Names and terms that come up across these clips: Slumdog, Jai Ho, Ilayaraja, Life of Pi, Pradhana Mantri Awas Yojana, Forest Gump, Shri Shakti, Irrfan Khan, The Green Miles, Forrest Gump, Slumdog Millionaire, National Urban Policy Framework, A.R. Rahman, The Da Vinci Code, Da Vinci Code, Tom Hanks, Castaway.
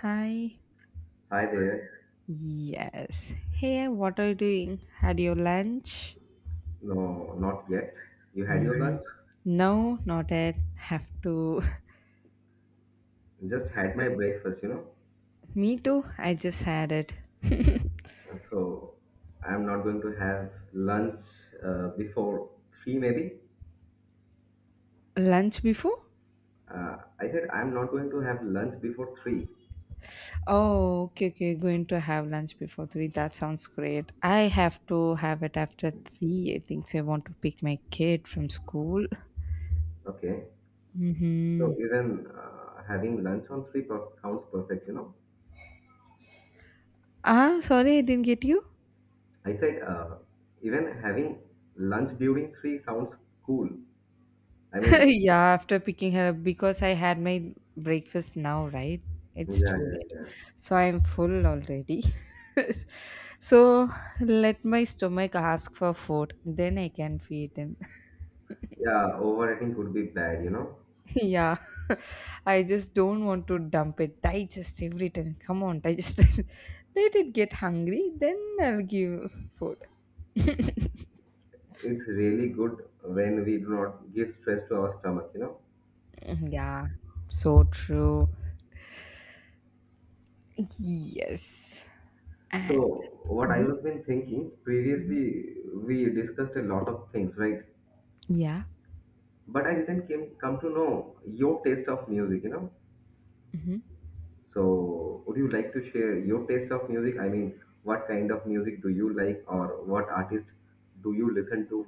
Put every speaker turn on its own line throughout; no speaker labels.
Hi.
Hi there.
Yes. Hey, what are you doing? Had your lunch?
No, not yet. You had your lunch?
No, not yet. Have to.
Just had my breakfast.
Me too. I just had it.
So I'm not going to have lunch before three, maybe.
Lunch before?
I said I'm not going to have lunch before 3.
Oh, okay, okay. Going to have lunch before three. That sounds great. I have to have it after three. I think so. I want to pick my kid from school.
Okay.
Mm-hmm.
So even having lunch on 3 sounds perfect.
Ah, sorry, I didn't get you.
I said even having lunch during 3 sounds cool. I mean,
Yeah, after picking her up because I had my breakfast now, right?
yeah,
It's too
yeah,
late.
yeah.
So I'm full already. So let my stomach ask for food, then I can feed him.
Yeah, overeating could be bad.
Yeah. I just don't want to dump it. Digest every time. Come on, digest. Let it get hungry, then I'll give food.
It's really good when we do not give stress to our stomach.
Mm, yeah. So true. Yes.
So
And
what I
Mhm,
was been thinking,
mhm.
previously we discussed a lot of things, right?
Yeah.
But I didn't come to know your taste of music.
Mm-hmm.
So would you like to share your taste of music? I mean, what kind of music do you like, or what artist do you listen to?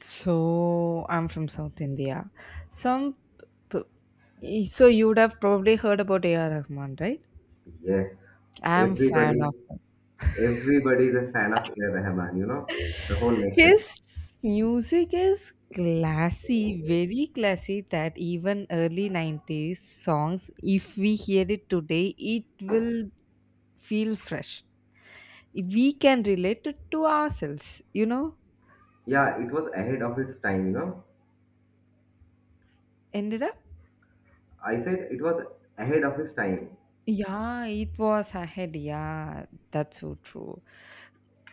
So I'm from South India. Some p- so you would have probably heard about A.R. Rahman, right?
Yes,
I'm
everybody
fan of.
everybody is a fan of Ira Rahman. The whole nation.
His music is classy, very classy, that even early 90s songs, if we hear it today, it will feel fresh. We can relate it to ourselves, you know?
Yeah, it was ahead of its time.
Ended up.
I said it was ahead of his time.
Yeah, it was ahead. Yeah, that's so true.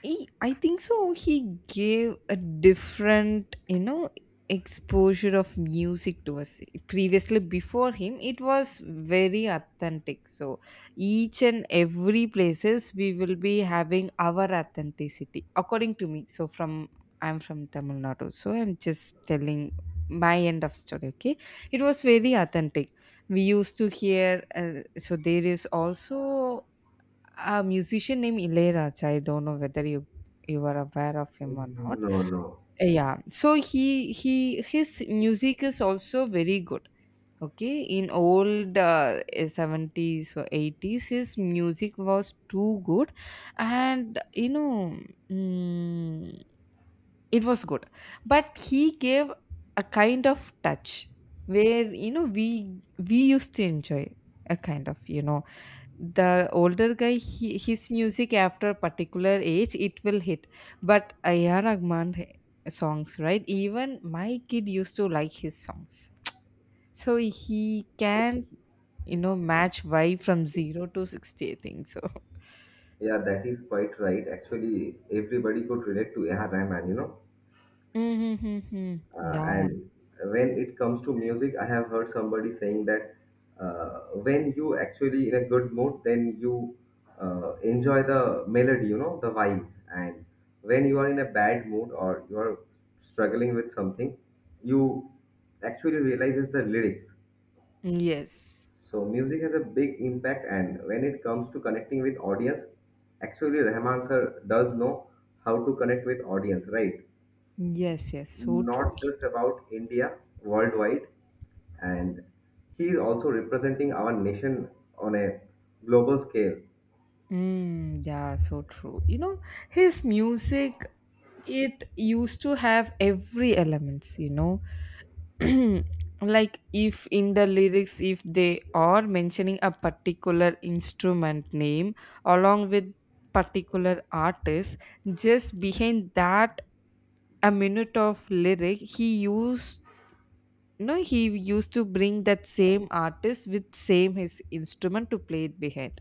He, I think so. He gave a different, you know, exposure of music to us. Previously, before him, it was very authentic. So each and every places we will be having our authenticity, according to me. So from I'm from Tamil Nadu, so I'm just telling my end of story. Okay, it was very authentic. We used to hear. So there is also a musician named Ilayaraja. I don't know whether you are aware of him or not.
No, no.
Yeah. So he his music is also very good. Okay, in old 70s or 80s, his music was too good, and mm, it was good. But he gave a kind of touch where we used to enjoy a kind of, the older guy he, his music after a particular age it will hit, but ayar rahman songs, right? Even my kid used to like his songs, so he can, match vibe from 0 to 60, I think so.
Yeah, that is quite right. Actually, everybody could relate to A.R. Rahman.
Mm-hmm.
Uh,
Yeah.
and when it comes to music, I have heard somebody saying that uh, when you actually in a good mood, then you enjoy the melody, the vibes. And when you are in a bad mood, or you are struggling with something, you actually realizes the lyrics.
Yes,
So music has a big impact, and when it comes to connecting with audience, actually Rahman sir does know how to connect with audience, right?
yes, yes, so true.
Not just about India, worldwide, and he is also representing our nation on a global scale.
Mm, yeah, so true. You know, his music, it used to have every elements. Like if in the lyrics if they are mentioning a particular instrument name along with particular artist, just behind that a minute of lyric, he used no he used to bring that same artist with same his instrument to play it behind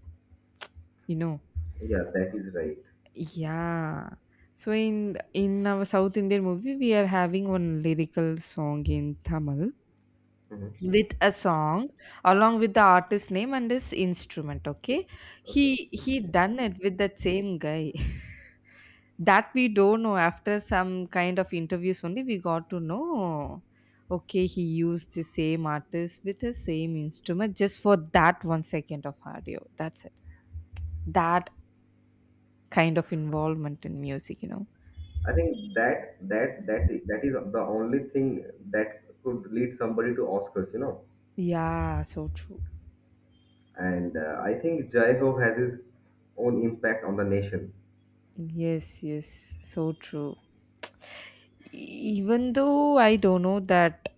you know
Yeah, that is right.
yeah. So in our south indian movie we are having one lyrical song in tamil,
Mhm.
with a song along with the artist name and his instrument. Okay, he
Okay,
he done it with that same guy. That we don't know, after some kind of interviews only we got to know. Okay, he used the same artist with the same instrument just for that 1 second of audio. That's it. That kind of involvement in music.
I think that is the only thing that could lead somebody to Oscars.
yeah, so true.
And I think Jai Ho has his own impact on the nation.
Yes, yes, so true. Even though I don't know that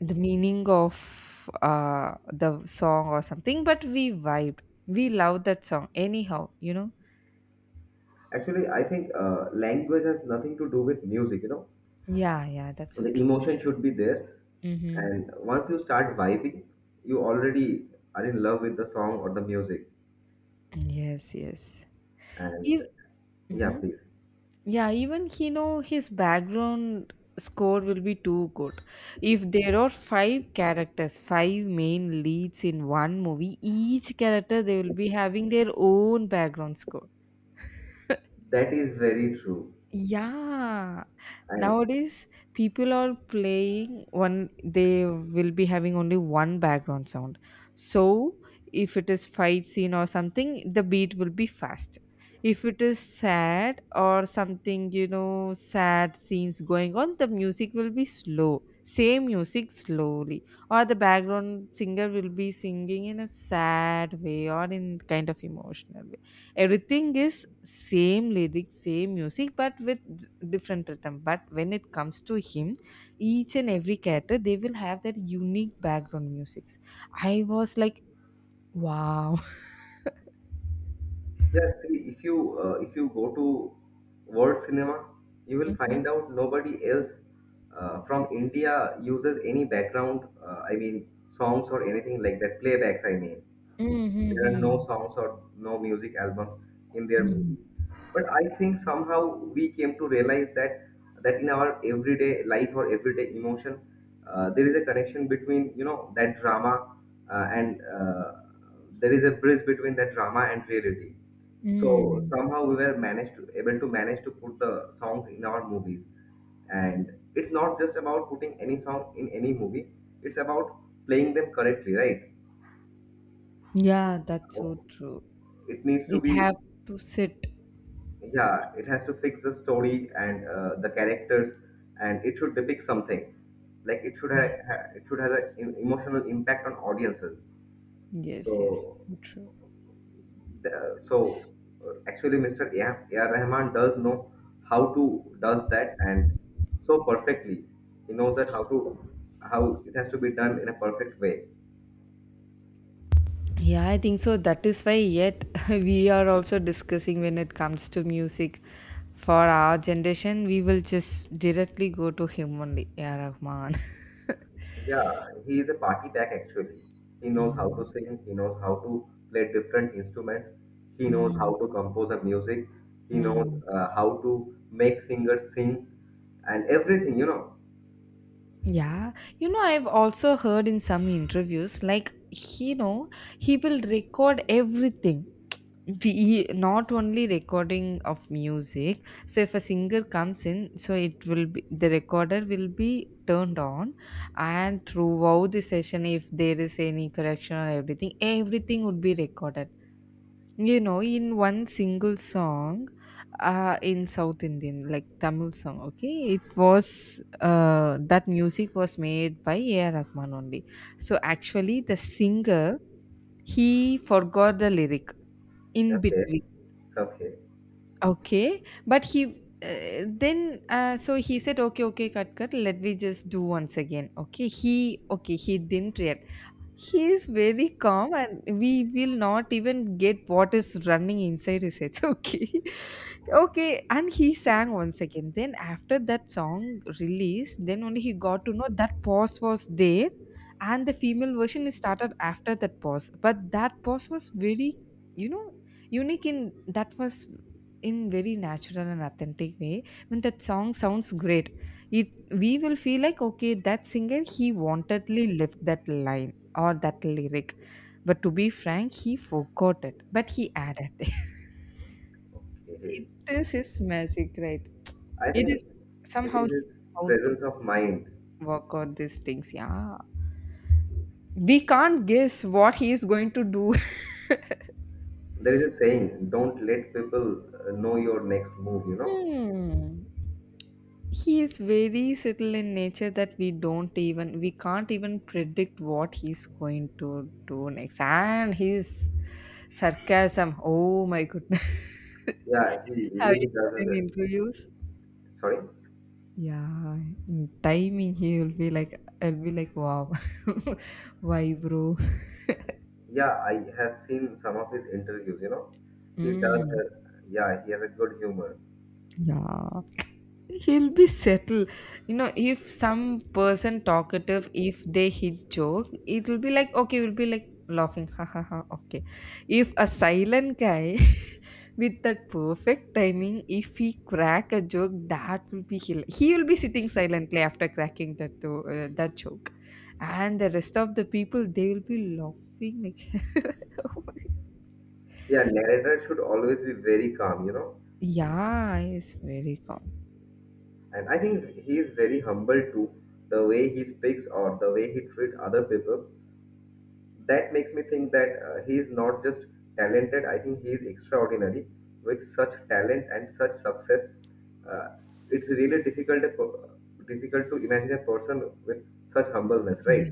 the meaning of the song or something, but we vibed. We love that song anyhow.
Actually, I think language has nothing to do with music.
yeah, yeah, that's so
The
true.
emotion should be there,
Mm-hmm.
and once you start vibing, you already are in love with the song or the music.
Yes, yes.
And
Ev-
yeah,
Mhm.
please.
Yeah, even he know his background score will be too good. If there are five characters, five main leads in one movie, each character they will be having their own background score.
That is very true.
Yeah.
And
Nowadays, people are playing one, they will be having only one background sound. So, if it is fight scene or something, the beat will be fast. If it is sad or something, you know, sad scenes going on, the music will be slow. Same music slowly, or the background singer will be singing in a sad way or in kind of emotional way. Everything is same lyrics, same music but with different rhythm. But when it comes to him, each and every character they will have their unique background musics. I was like, wow.
yeah, see, if you go to world cinema, you will
Mm-hmm.
find out nobody else from India uses any background, I mean, songs or anything like that, playbacks, I mean. There are no
Mm-hmm.
songs or no music albums in their
Hmm.
movies. But I think somehow we came to realize that in our everyday life or everyday emotion, there is a connection between that drama and there is a bridge between that drama and reality. So
Mm.
somehow we were managed to able to manage to put the songs in our movies, and it's not just about putting any song in any movie. It's about playing them correctly, right?
Yeah, that's so true.
It needs to
It
be.
have to sit.
Yeah, it has to fix the story and the characters, and it should depict something like it should have an emotional impact on audiences.
Yes, yes,
So
true.
the, so actually Mr. A. R. Rahman does know how to does that, and so perfectly he knows that how it has to be done in a perfect way.
Yeah, I think so. That is why, yet, we are also discussing when it comes to music. For our generation, we will just directly go to him only, Ya Rahman.
Yeah, he is a party pack actually. He knows how to
Mm,
sing, he knows how to play different instruments, he knows
mm,
how to compose a music, he knows
mm.
how to make singers sing and everything.
Yeah, you know, I've also heard in some interviews, like, he will record everything. Be not only recording of music, so if a singer comes in, so it will be the recorder will be turned on, and throughout the session if there is any correction or everything, everything would be recorded, you know. In one single song, in south indian like tamil song, okay, it was that music was made by ar rahman only. So actually the singer, he forgot the lyric in
Okay,
between.
okay,
Okay, but he then so he said, okay, okay, cut, cut. Let me just do once again. Okay, he didn't react. He is very calm, and we will not even get what is running inside his head. Okay, okay. And he sang once again. Then after that song release, then only he got to know that pause was there, and the female version is started after that pause. But that pause was very, you know, unique. In that was in very natural and authentic way. When that song sounds great, it we will feel like, okay, that singer he wantedly left that line or that lyric. But to be frank, he forgot it, but he added it.
okay.
It is his magic, right?
I think
It is
it
somehow
is
he
his
how to
presence of mind.
work out these things. Yeah, we can't guess what he is going to do.
There is a saying, don't let people know your next move.
Hmm. He is very subtle in nature, that we don't even we can't even predict what he's going to do next. And his sarcasm, oh my goodness.
Yeah, he
Have you
really does.
got any interviews?
Sorry.
Yeah, in timing he will be like, I'll be like, wow. Why, bro?
Yeah, I have seen some of his interviews. He does.
Mm,
Yeah, he has a good humor.
yeah. He'll be settled, you know. If some person talkative, if they hit joke, it will be like, okay, we'll be like laughing, ha ha ha, okay. If a silent guy, with that perfect timing, if he crack a joke, that will be he will be sitting silently after cracking that that joke, and the rest of the people, they will be laughing like.
Yeah, narrator should always be very calm.
Yeah, it's very calm.
And I think he is very humble too. The way he speaks or the way he treats other people, that makes me think that he is not just talented. I think he is extraordinary. With such talent and such success, uh, it's really difficult to imagine a person with such humbleness, right?
Yeah,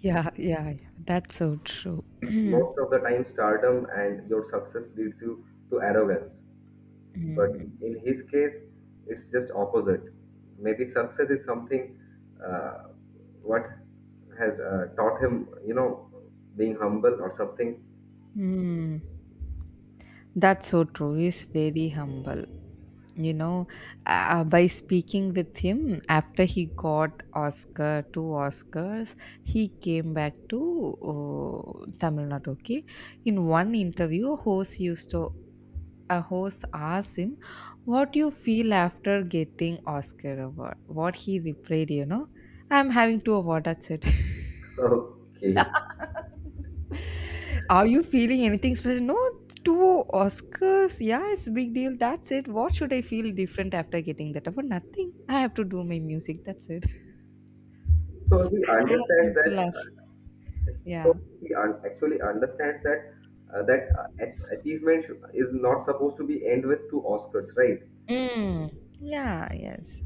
yeah, yeah. Yeah. That's so true.
Most of the time, stardom and your success leads you to arrogance. But
Mm.
in his case, it's just opposite. Maybe success is something uh, what has taught him, being humble or something.
Hmm, that's so true. He's very humble. You know, by speaking with him, after he got Oscar, two Oscars, he came back to Tamil Nadu. Okay, in one interview, a host asked him, "What do you feel after getting Oscar award?" What he replied, you know, "I'm having two awards." That's it.
Okay,
Are you feeling anything special? No, it's two Oscars. Yeah, it's a big deal. That's it. What should I feel different after getting that award? Nothing. I have to do my music. That's it. It's
so he
as
understands that
simple as.
so
Yeah.
actually understands that achievement is not supposed to be end with two Oscars, right?
Mm. Yeah, yes.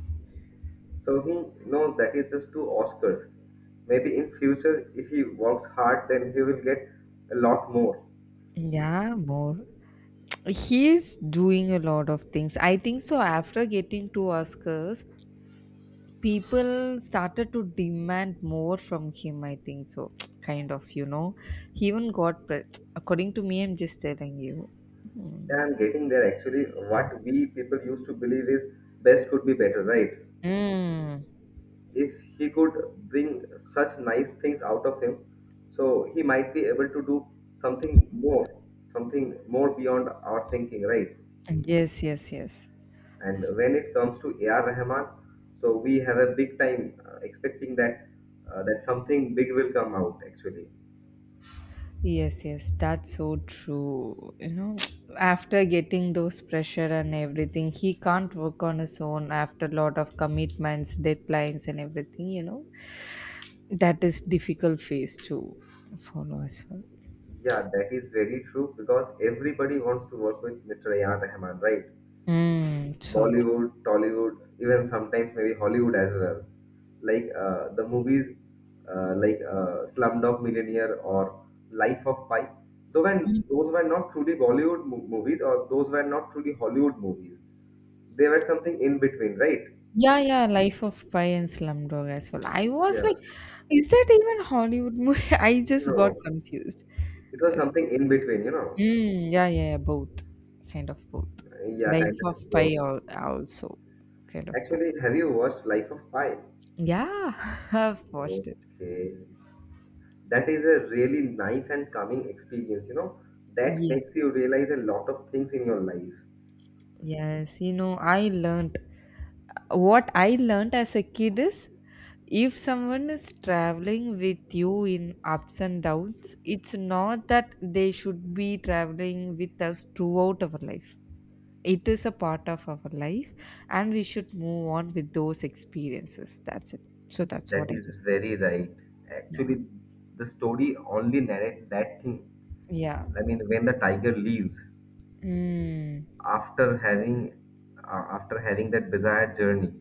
So he knows that is just two Oscars. Maybe in future, if he works hard, then he will get a lot more.
Yeah, more. He's doing a lot of things. I think so. After getting two Oscars, people started to demand more from him, I think so. Kind of, you know, he even got according to me, I'm just telling you. Hmm.
Yeah, I'm getting there actually. What we people used to believe is best could be better, right?
Mm.
If he could bring such nice things out of him, so he might be able to do something more, something more beyond our thinking, right?
Yes, yes, yes.
And when it comes to AR Rahman, so we have a big time expecting that something big will come out actually.
Yes, yes, that's so true. You know, after getting those pressure and everything, he can't work on his own after a lot of commitments, deadlines, and everything, you know. That is difficult phase to follow as well.
Yeah, that is very true because everybody wants to work with Mr. AR Rahman, right?
Mm, so
Bollywood, Tollywood, even sometimes maybe Hollywood as well. Like the movies like Slumdog Millionaire or Life of Pi. Though
true.
when those were not truly Bollywood movies or those were not truly Hollywood movies, they were something in between, right?
Yeah, yeah, Life of Pi and Slumdog as well. I was like,
Yeah,
is that even Hollywood movie? I just got
no,
confused.
it was
Okay.
something in between.
Mm, yeah, yeah, yeah, both. Kind of both.
Yeah,
Life
kind
of
of
Pi
both.
al- also. Kind of both.
Actually, have you watched Life of Pi?
Yeah, I've watched it.
Okay, that is a really nice and calming experience that
Yeah.
makes you realize a lot of things in your life.
Yes, you know, I learned what I learned as a kid is, if someone is traveling with you in ups and downs, it's not that they should be traveling with us throughout our life. It is a part of our life, and we should move on with those experiences. That's it. So that's
That
what I
is
just,
very right,
yeah,
actually the story only narrates that thing.
yeah.
I mean, when the tiger leaves,
Mm.
after having after having that bizarre journey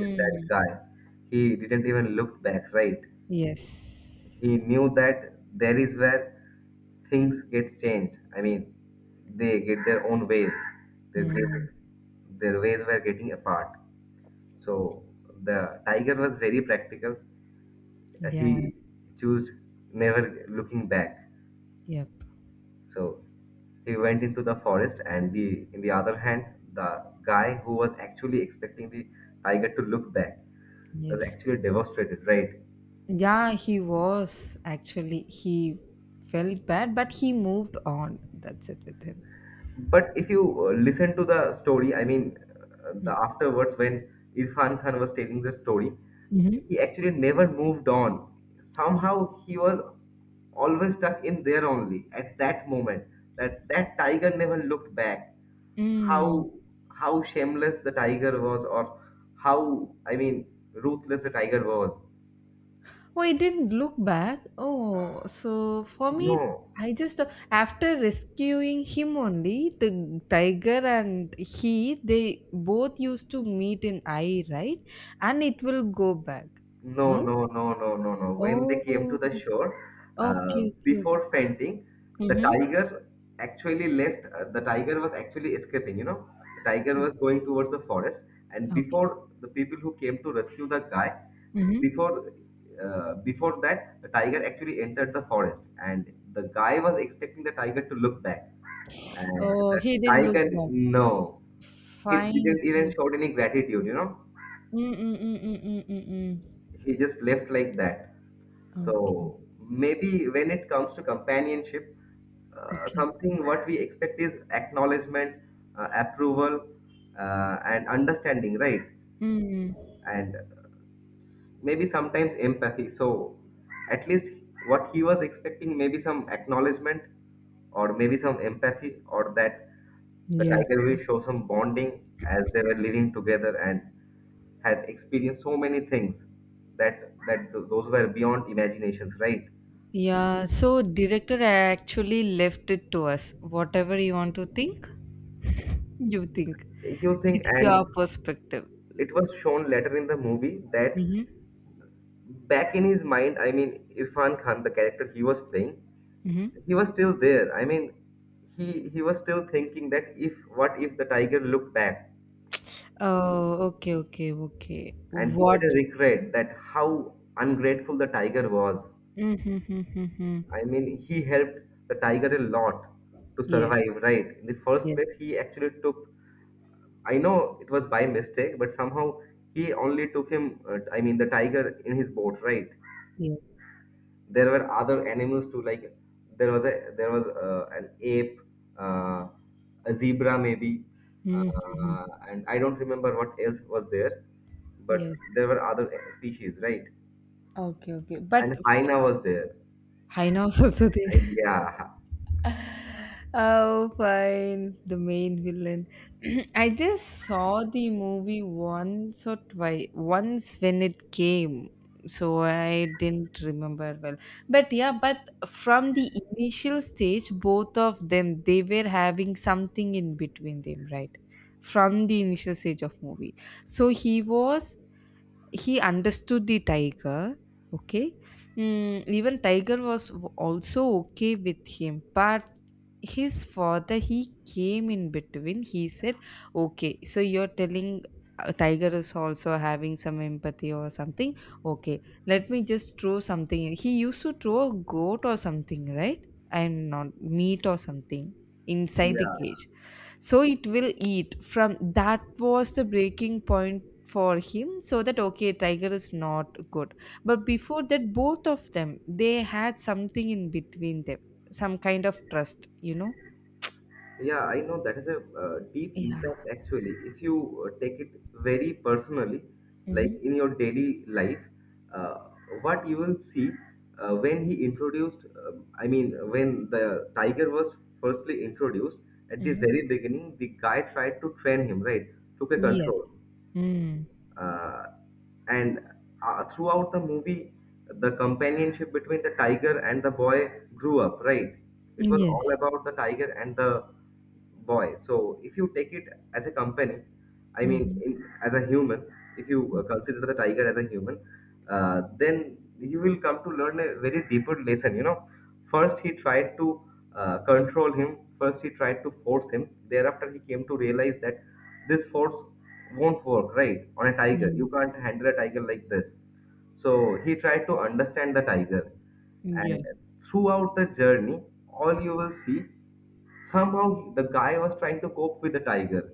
with that guy, he didn't even look back, right? He
Yes.
knew that there is where things get changed. I mean, they get their own ways. Their,
Mm.
their, their ways were getting apart. So the tiger was very practical. Uh,
Yes.
He chose never looking back.
Yep.
So he went into the forest, and the in the other hand, the guy who was actually expecting the tiger to look back was
Yes.
actually devastated, right?
Yeah, he was actually. He felt bad, but he moved on. That's it with him.
But if you listen to the story, I mean, the afterwards when Irfan Khan was telling the story,
Mm-hmm.
he actually never moved on. Somehow he was always stuck in there only at that moment. That tiger never looked back.
Mm.
How how shameless the tiger was, or how I mean, ruthless the tiger was.
Oh, I didn't look back. Oh, so for me,
No,
I just after rescuing him only, the tiger and he, they both used to meet in eye, right? And it will go back.
no,
No?
no, no, no, no, no. When they came
Oh,
to the shore,
okay, okay, okay.
before fainting, the
Mm-hmm.
tiger actually left. The tiger was actually escaping. The tiger was going towards the forest, and
Okay.
before the people who came to rescue the guy,
Mm-hmm.
before before that, the tiger actually entered the forest, and the guy was expecting the tiger to look back, and
Oh,
the
he didn't look
tiger,
back.
no, he
Fine.
didn't even
Fine.
showed any gratitude.
Mm, mm, mm, mm, mm, mm, mm.
He just left like that.
Okay.
So maybe when it comes to companionship,
Okay.
something what we expect is acknowledgement, approval, and understanding, right?
Mm.
And maybe sometimes empathy. So at least what he was expecting, maybe some acknowledgement or maybe some empathy, or that the
Yes.
tiger will show some bonding as they were living together and had experienced so many things that those were beyond imaginations, right?
Yeah. So director actually left it to us. Whatever you want to think, you think.
You think,
It's
and
your perspective.
it was shown later in the movie that
Mm-hmm.
back in his mind, I mean, Irfan Khan, the character he was playing,
Mm-hmm.
he was still there. I mean, he was still thinking that if what if the tiger looked back,
Oh, okay, okay, okay.
and he
What?
had a regret that how ungrateful the tiger was.
Mm-hmm.
I mean, he helped the tiger a lot to
Yes.
survive, right? In the first
Yes.
place, he actually took, I know it was by mistake, but somehow he only took him, I mean, the tiger, in his boat, right?
Yes.
There were other animals too, like there was an ape, uh, a zebra maybe,
Mm-hmm.
and I don't remember what else was there, but
Yes.
there were other species, right?
Okay, okay. But
And hyena was there.
hyenas also there.
Yeah,
Oh, fine. The main villain. I just saw the movie once or twice, once when it came. So I didn't remember well. But yeah, but from the initial stage, both of them, they were having something in between them, right? From the initial stage of movie. So he understood the tiger, okay. Even tiger was also okay with him, but his father, he came in between. He said, okay, so you're telling tiger is also having some empathy or something, okay, let me just throw something in. He used to throw a goat or something, right, and not meat or something inside the
yeah.
cage, so it will eat from. That was the breaking point for him, so that okay, tiger is not good. But before that, both of them, they had something in between them, some kind of trust,
Yeah, I know that has a deep
yeah.
impact actually. If you take it very personally, like
Mm-hmm.
in your daily life, uh, what you will see when he introduced, I mean, when the tiger was firstly introduced, at the
Mm-hmm.
very beginning, the guy tried to train him, right? Took a
Yes.
control
Mm.
uh, and throughout the movie, the companionship between the tiger and the boy grew up, right? It was all
Yes.
about the tiger and the boy, so if you take it as a company, I mean,
Mm-hmm.
as a human, if you consider the tiger as a human, then you will come to learn a very deeper lesson. First, he tried to control him. First, he tried to force him. Thereafter, he came to realize that this force won't work, right? On a tiger,
Mm.
you can't handle a tiger like this. So he tried to understand the tiger, and
Yes.
throughout the journey, all you will see somehow the guy was trying to cope with the tiger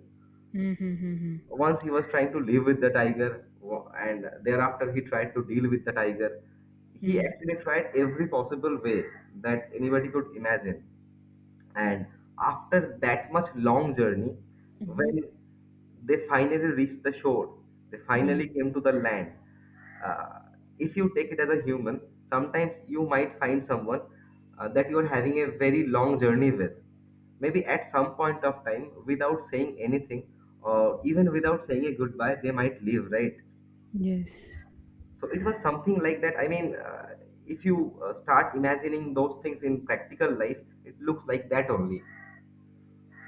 Mm-hmm.
once he was trying to live with the tiger and thereafter he tried to deal with the tiger. He
Mm-hmm.
actually tried every possible way that anybody could imagine, and after that much long journey,
Mm-hmm.
when they finally reached the shore, they
Mm-hmm.
finally came to the land. Uh, if you take it as a human, sometimes you might find someone that you're having a very long journey with. Maybe at some point of time, without saying anything, or even without saying a goodbye, they might leave, right?
Yes.
So it was something like that. I mean, if you start imagining those things in practical life, it looks like that only.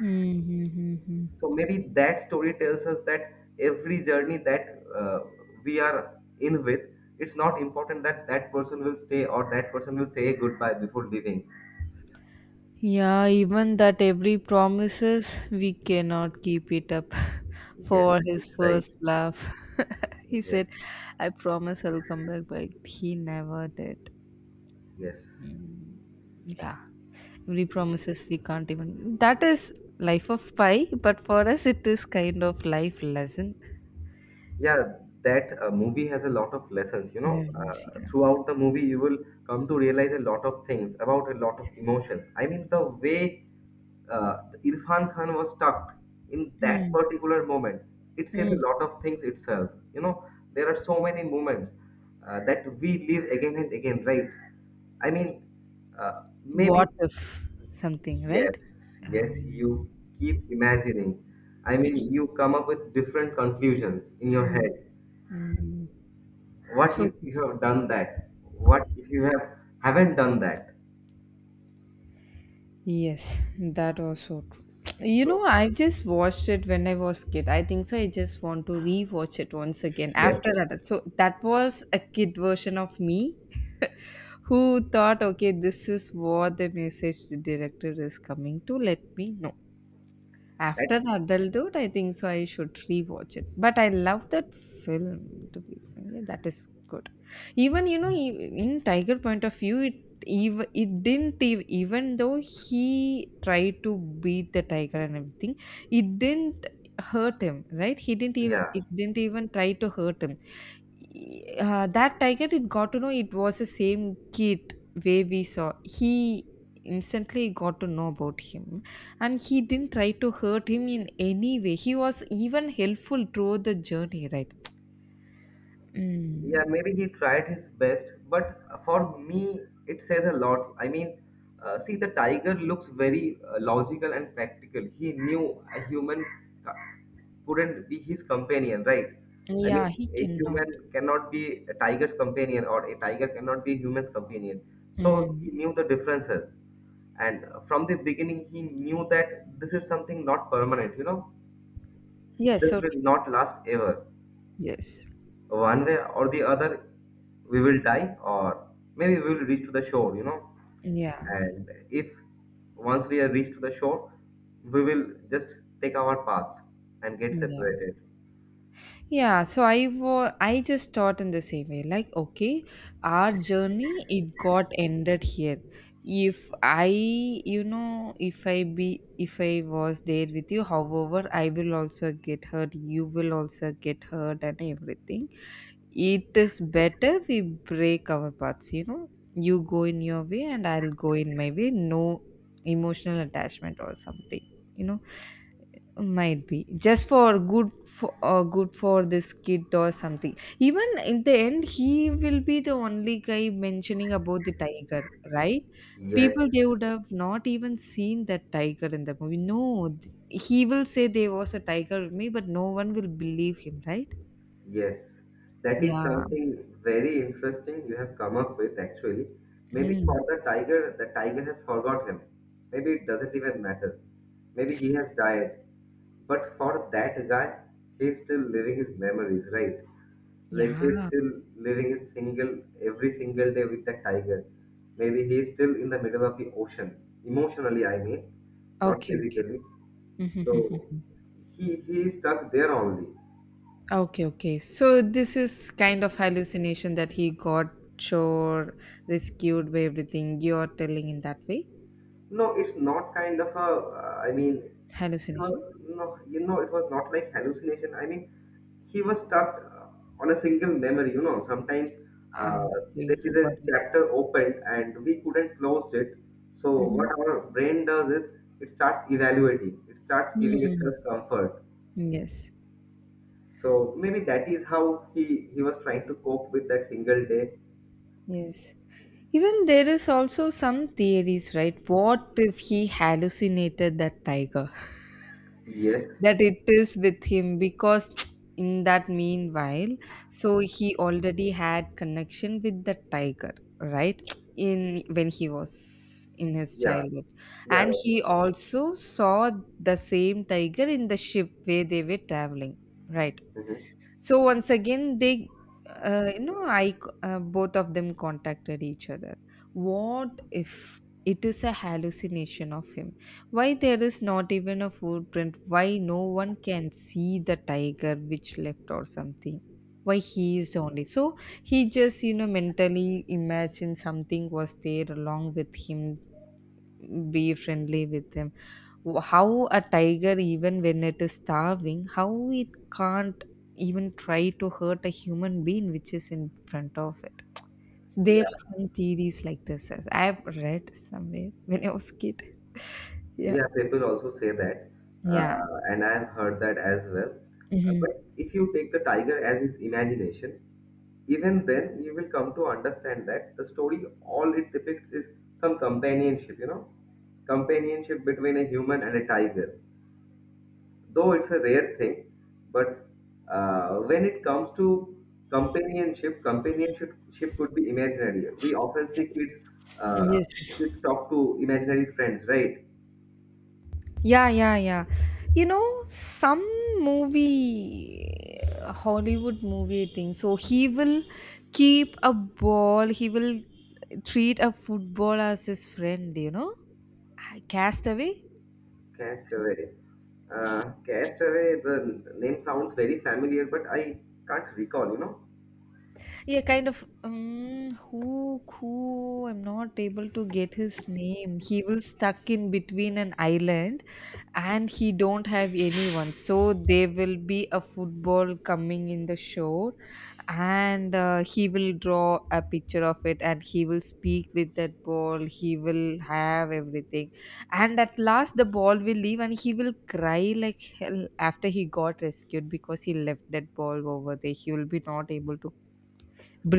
Mm-hmm. Mm-hmm.
So maybe that story tells us that every journey that we are in with, it's not important that that person will stay or that person will say goodbye before leaving.
Yeah, even that every promises we cannot keep it up
Yes,
for
it's
his
right.
first laugh. He
Yes,
said, I promise I'll come back, but he never did.
yes.
Mm. Yeah, every promises we can't even. That is life of pie, but for us, it is kind of life lesson.
Yeah, that movie has a lot of lessons,
Lessons, yeah.
throughout the movie you will come to realize a lot of things about a lot of emotions. I mean, the way Irfan Khan was stuck in that
Mm,
particular moment. It says a
mm.
lot of things itself. You know, there are so many moments that we live again and again, right? I mean, uh, maybe,
What if something, right?
yes, yes,
Um,
you keep imagining. I mean, you come up with different conclusions in your
mm,
head.
mm.
What
So
if you have done that? What if you haven't done that?
yes, that was so true. You know,
So,
I just watched it when I was kid. I think so. I just want to rewatch it once again after
yes.
that. So that was a kid version of me who thought, okay, this is what the message the director is coming to let me know. After
That,
adulthood, I think so. I should rewatch it. But I love that film. To be frank, yeah, that is good. Even you know, in Tiger point of view, it even it didn't even though he tried to beat the tiger and everything, it didn't hurt him. Right? He didn't even
yeah.
it didn't even try to hurt him. That tiger, it got to know it was the same kid way we saw. He instantly got to know about him, and he didn't try to hurt him in any way. He was even helpful throughout the journey, right?
Yeah,
Mm.
maybe he tried his best, but for me, it says a lot. I mean, see, the tiger looks very logical and practical. He knew a human ca- couldn't be his companion, right? I
Yeah,
mean,
he
a
cannot.
human cannot be a tiger's companion, or a tiger cannot be a human's companion. So
Mm.
he knew the differences. And from the beginning, he knew that this is something not permanent, you know,
Yes,
this
so
will
true.
not last ever.
Yes.
One way or the other, we will die, or maybe we will reach to the shore, you know,
Yeah,
and if once we are reached to the shore, we will just take our paths and get
yeah.
separated.
Yeah, so I just thought in the same way, like, okay, our journey it got ended here. If I, you know, if I be, if I was there with you, however, I will also get hurt. You will also get hurt, and everything. It is better we break our paths. You know, you go in your way, and I'll go in my way. No emotional attachment or something. You know, might be just for good for good for this kid or something. Even in the end, he will be the only guy mentioning about the tiger, right? People,
Yes.
they would have not even seen that tiger in the movie. No, he will say there was a tiger with me, but no one will believe him, right?
Yes, that is
Yeah.
something very interesting you have come up with actually. Maybe
Mhm.
for the tiger has forgot him. Maybe it doesn't even matter. Maybe he has died. But for that guy, he's still living his memories, right? Like he's
Yeah.
still living his single every single day with the tiger. Maybe he's still in the middle of the ocean. Emotionally, I mean, not
Okay,
physically.
okay.
So he is stuck there only.
Okay, okay. So this is kind of hallucination that he got sure rescued by everything you're telling in that way.
No, it's not kind of a. I mean, it
Hallucination.
was, no, you know, it was not like hallucination. I mean, he was stuck on a single memory. You know, sometimes
Ah,
uh,
okay,
there is a
forgot it.
chapter opened and we couldn't close it. So what
Mhm.
our brain does is it starts evaluating. It starts giving
Mm.
itself comfort.
Yes,
So maybe that is how he was trying to cope with that single day.
yes. Even there is also some theories, right? What if he hallucinated that tiger,
Yes.
that it is with him? Because in that meanwhile, so he already had connection with the tiger, right? In when he was in his
Yeah.
childhood,
Yeah.
and he
That
also saw the same tiger in the ship where they were traveling, right?
is it.
So once again, they, you know, both of them contacted each other. What if it is a hallucination of him? Why there is not even a footprint? Why no one can see the tiger which left or something? Why he is the only so he just you know mentally imagine something was there along with him, be friendly with him. How a tiger, even when it is starving, how it can't even try to hurt a human being which is in front of it? There are
Mhm.
some theories like this as I've read somewhere when I was kid. Yeah.
Yeah, people also say that,
Yeah.
and I've heard that as well.
Hmm.
But if you take the tiger as his imagination, even then you will come to understand that the story, all it depicts is some companionship, you know, companionship between a human and a tiger. Though it's a rare thing, but when it comes to companionship ship could be imaginary. We often see kids, uh,
Yes.
kids talk to imaginary friends, right?
Yeah, yeah, yeah. You know, some movie, Hollywood movie thing. So he will keep a ball. He will treat a football as his friend. You know, Castaway.
Castaway. Castaway, the name sounds very familiar, but I can't recall, you know.
Yeah, kind of. Who, who? I'm not able to get his name. He will stuck in between an island, and he don't have anyone. So there will be a football coming in the show, and he will draw a picture of it, and he will speak with that ball. He will have everything, and at last the ball will leave, and he will cry like hell after he got rescued because he left that ball over there. He will be not able to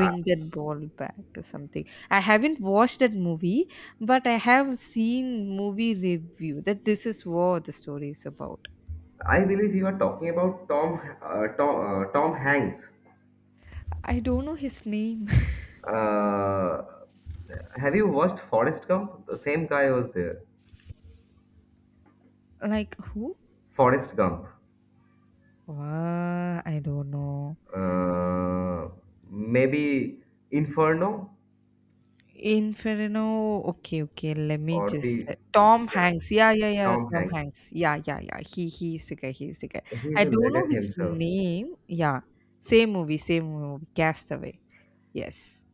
I,
that ball back or something. I haven't watched that movie, but I have seen movie review that this is what the story is about.
I believe you are talking about Tom, Tom, Tom Hanks.
I don't know his name.
Uh, have you watched Forrest Gump? The same guy was there.
Like who?
Forrest Gump.
I don't know.
Uh, Maybe Inferno
Inferno. Okay, okay. Let me
or the
just Tom
yeah
Hanks. Yeah, yeah, yeah.
Tom
Tom
Hanks.
Hanks. Yeah, yeah, yeah. He's the guy. He's the guy.
He's
I
a
don't know
legend
his
himself.
name. Yeah. Same movie. Same movie. Castaway. Yes.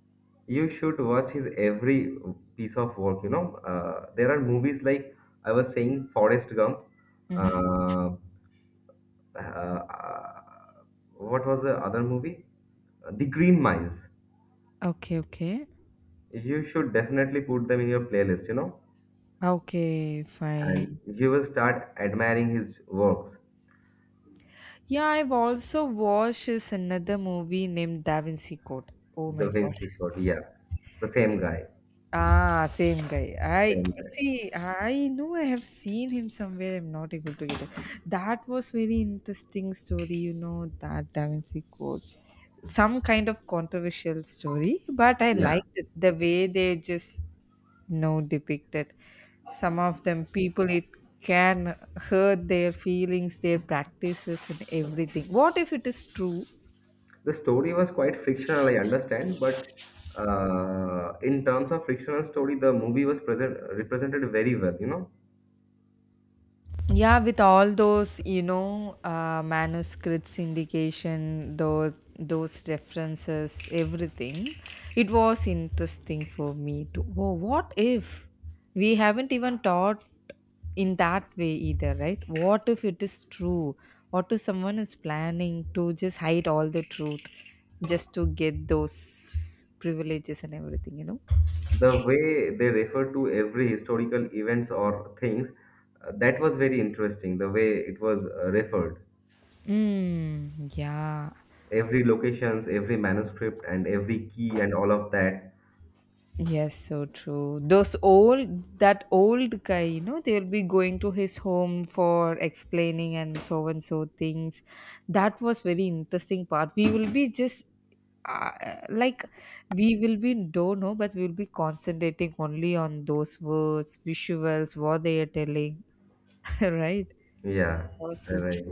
You should watch his every piece of work, you know. There are movies like I was saying, Forrest Gump.
Mm-hmm.
uh, uh, uh, what was the other movie? The Green Miles.
Okay. Okay.
You should definitely put them in your playlist, you know,
Okay.
and
Fine.
you will start admiring his works.
Yeah, I've also watched is another movie named Da Vinci Code. Oh my
The
god.
Vinci Code, yeah, the same guy.
Ah, same guy.
The
I
same guy.
see. I know I have seen him somewhere. I'm not able to get it. That was very interesting story. You know that Da Vinci Code. Some kind of controversial story, but I
Yeah,
liked it. The way they just, you know, depicted some of them people. It can hurt their feelings, their practices, and everything. What if it is true?
the story was quite fictional, I understand, but in terms of fictional story the movie was present represented very well, you know.
Yeah, with all those, you know, manuscripts, indication, those references, everything, it was interesting for me to. Oh, what if we haven't even taught in that way either, right? What if it is true? What if someone is planning to just hide all the truth just to get those privileges and everything, you know?
The way they refer to every historical events or things, that was very interesting, the way it was referred.
Mm, yeah.
Every locations, every manuscript, and every key, and all of that.
Yes, so true. Those old, that old guy, you know, they'll be going to his home for explaining and so things. That was very interesting part. We will be just uh, like we will be don't know, but we'll be concentrating only on those words, visuals, what they are telling, right? That
Yeah,
was so
right.
true.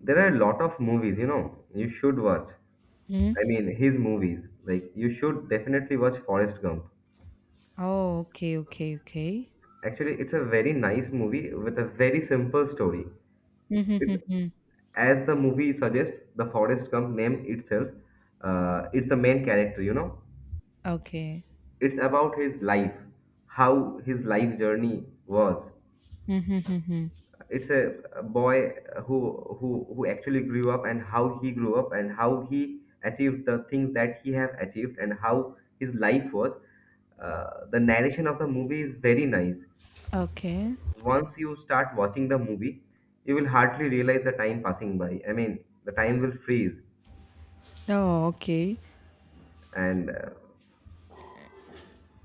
There are a lot of movies, you know, you should watch.
Hmm?
I mean his movies, like, you should definitely watch Forrest Gump.
Oh, okay, okay, okay.
Actually, it's a very nice movie with a very simple story. It,
Mm-hmm,
as the movie suggests, the Forrest Gump name itself, it's the main character, you know.
okay.
It's about his life, how his life journey was.
Mm-hmm,
It's a boy who, who actually grew up and how he grew up and how he achieved the things that he have achieved and how his life was. The narration of the movie is very nice.
okay.
Once you start watching the movie, you will hardly realize the time passing by. I mean, the time will freeze,
Oh, okay.
and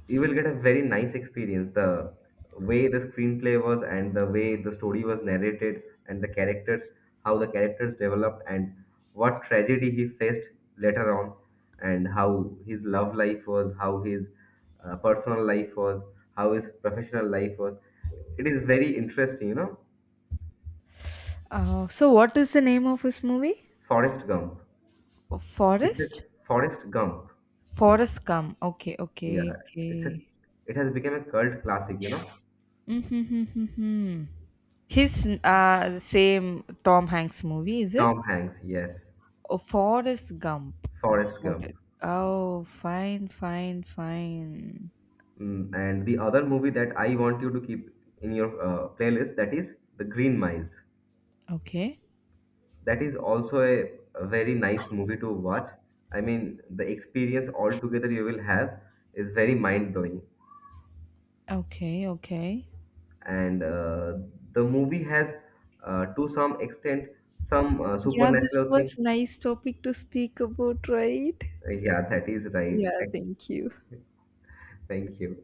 you will get a very nice experience. The way the screenplay was, and the way the story was narrated, and the characters, how the characters developed, and what tragedy he faced later on, and how his love life was, how his personal life was, how his professional life was. It is very interesting, you know.
Oh, so what is the name of his movie?
Forrest Gump.
Oh,
It's a
Forest?
Forrest Gump.
Forest Gump. Okay,
Yeah,
okay,
it's a
okay.
it has become a cult classic, you know.
Mm-hmm. His the same Tom Hanks movie, is it?
Tom Hanks, yes.
Oh, Forest Gump.
Forrest
Got
Gump.
it. Oh, fine, fine, fine.
Mm, and the other movie that I want you to keep in your playlist, that is The Green Miles.
Okay,
That is also a very nice movie to watch. I mean, the experience altogether you will have is very mind blowing.
okay, okay.
And the movie has, to some extent, some
Yeah, this
supernatural
was
things.
nice topic to speak about, right?
Yeah, that is right.
Yeah, thank you.
Thank you.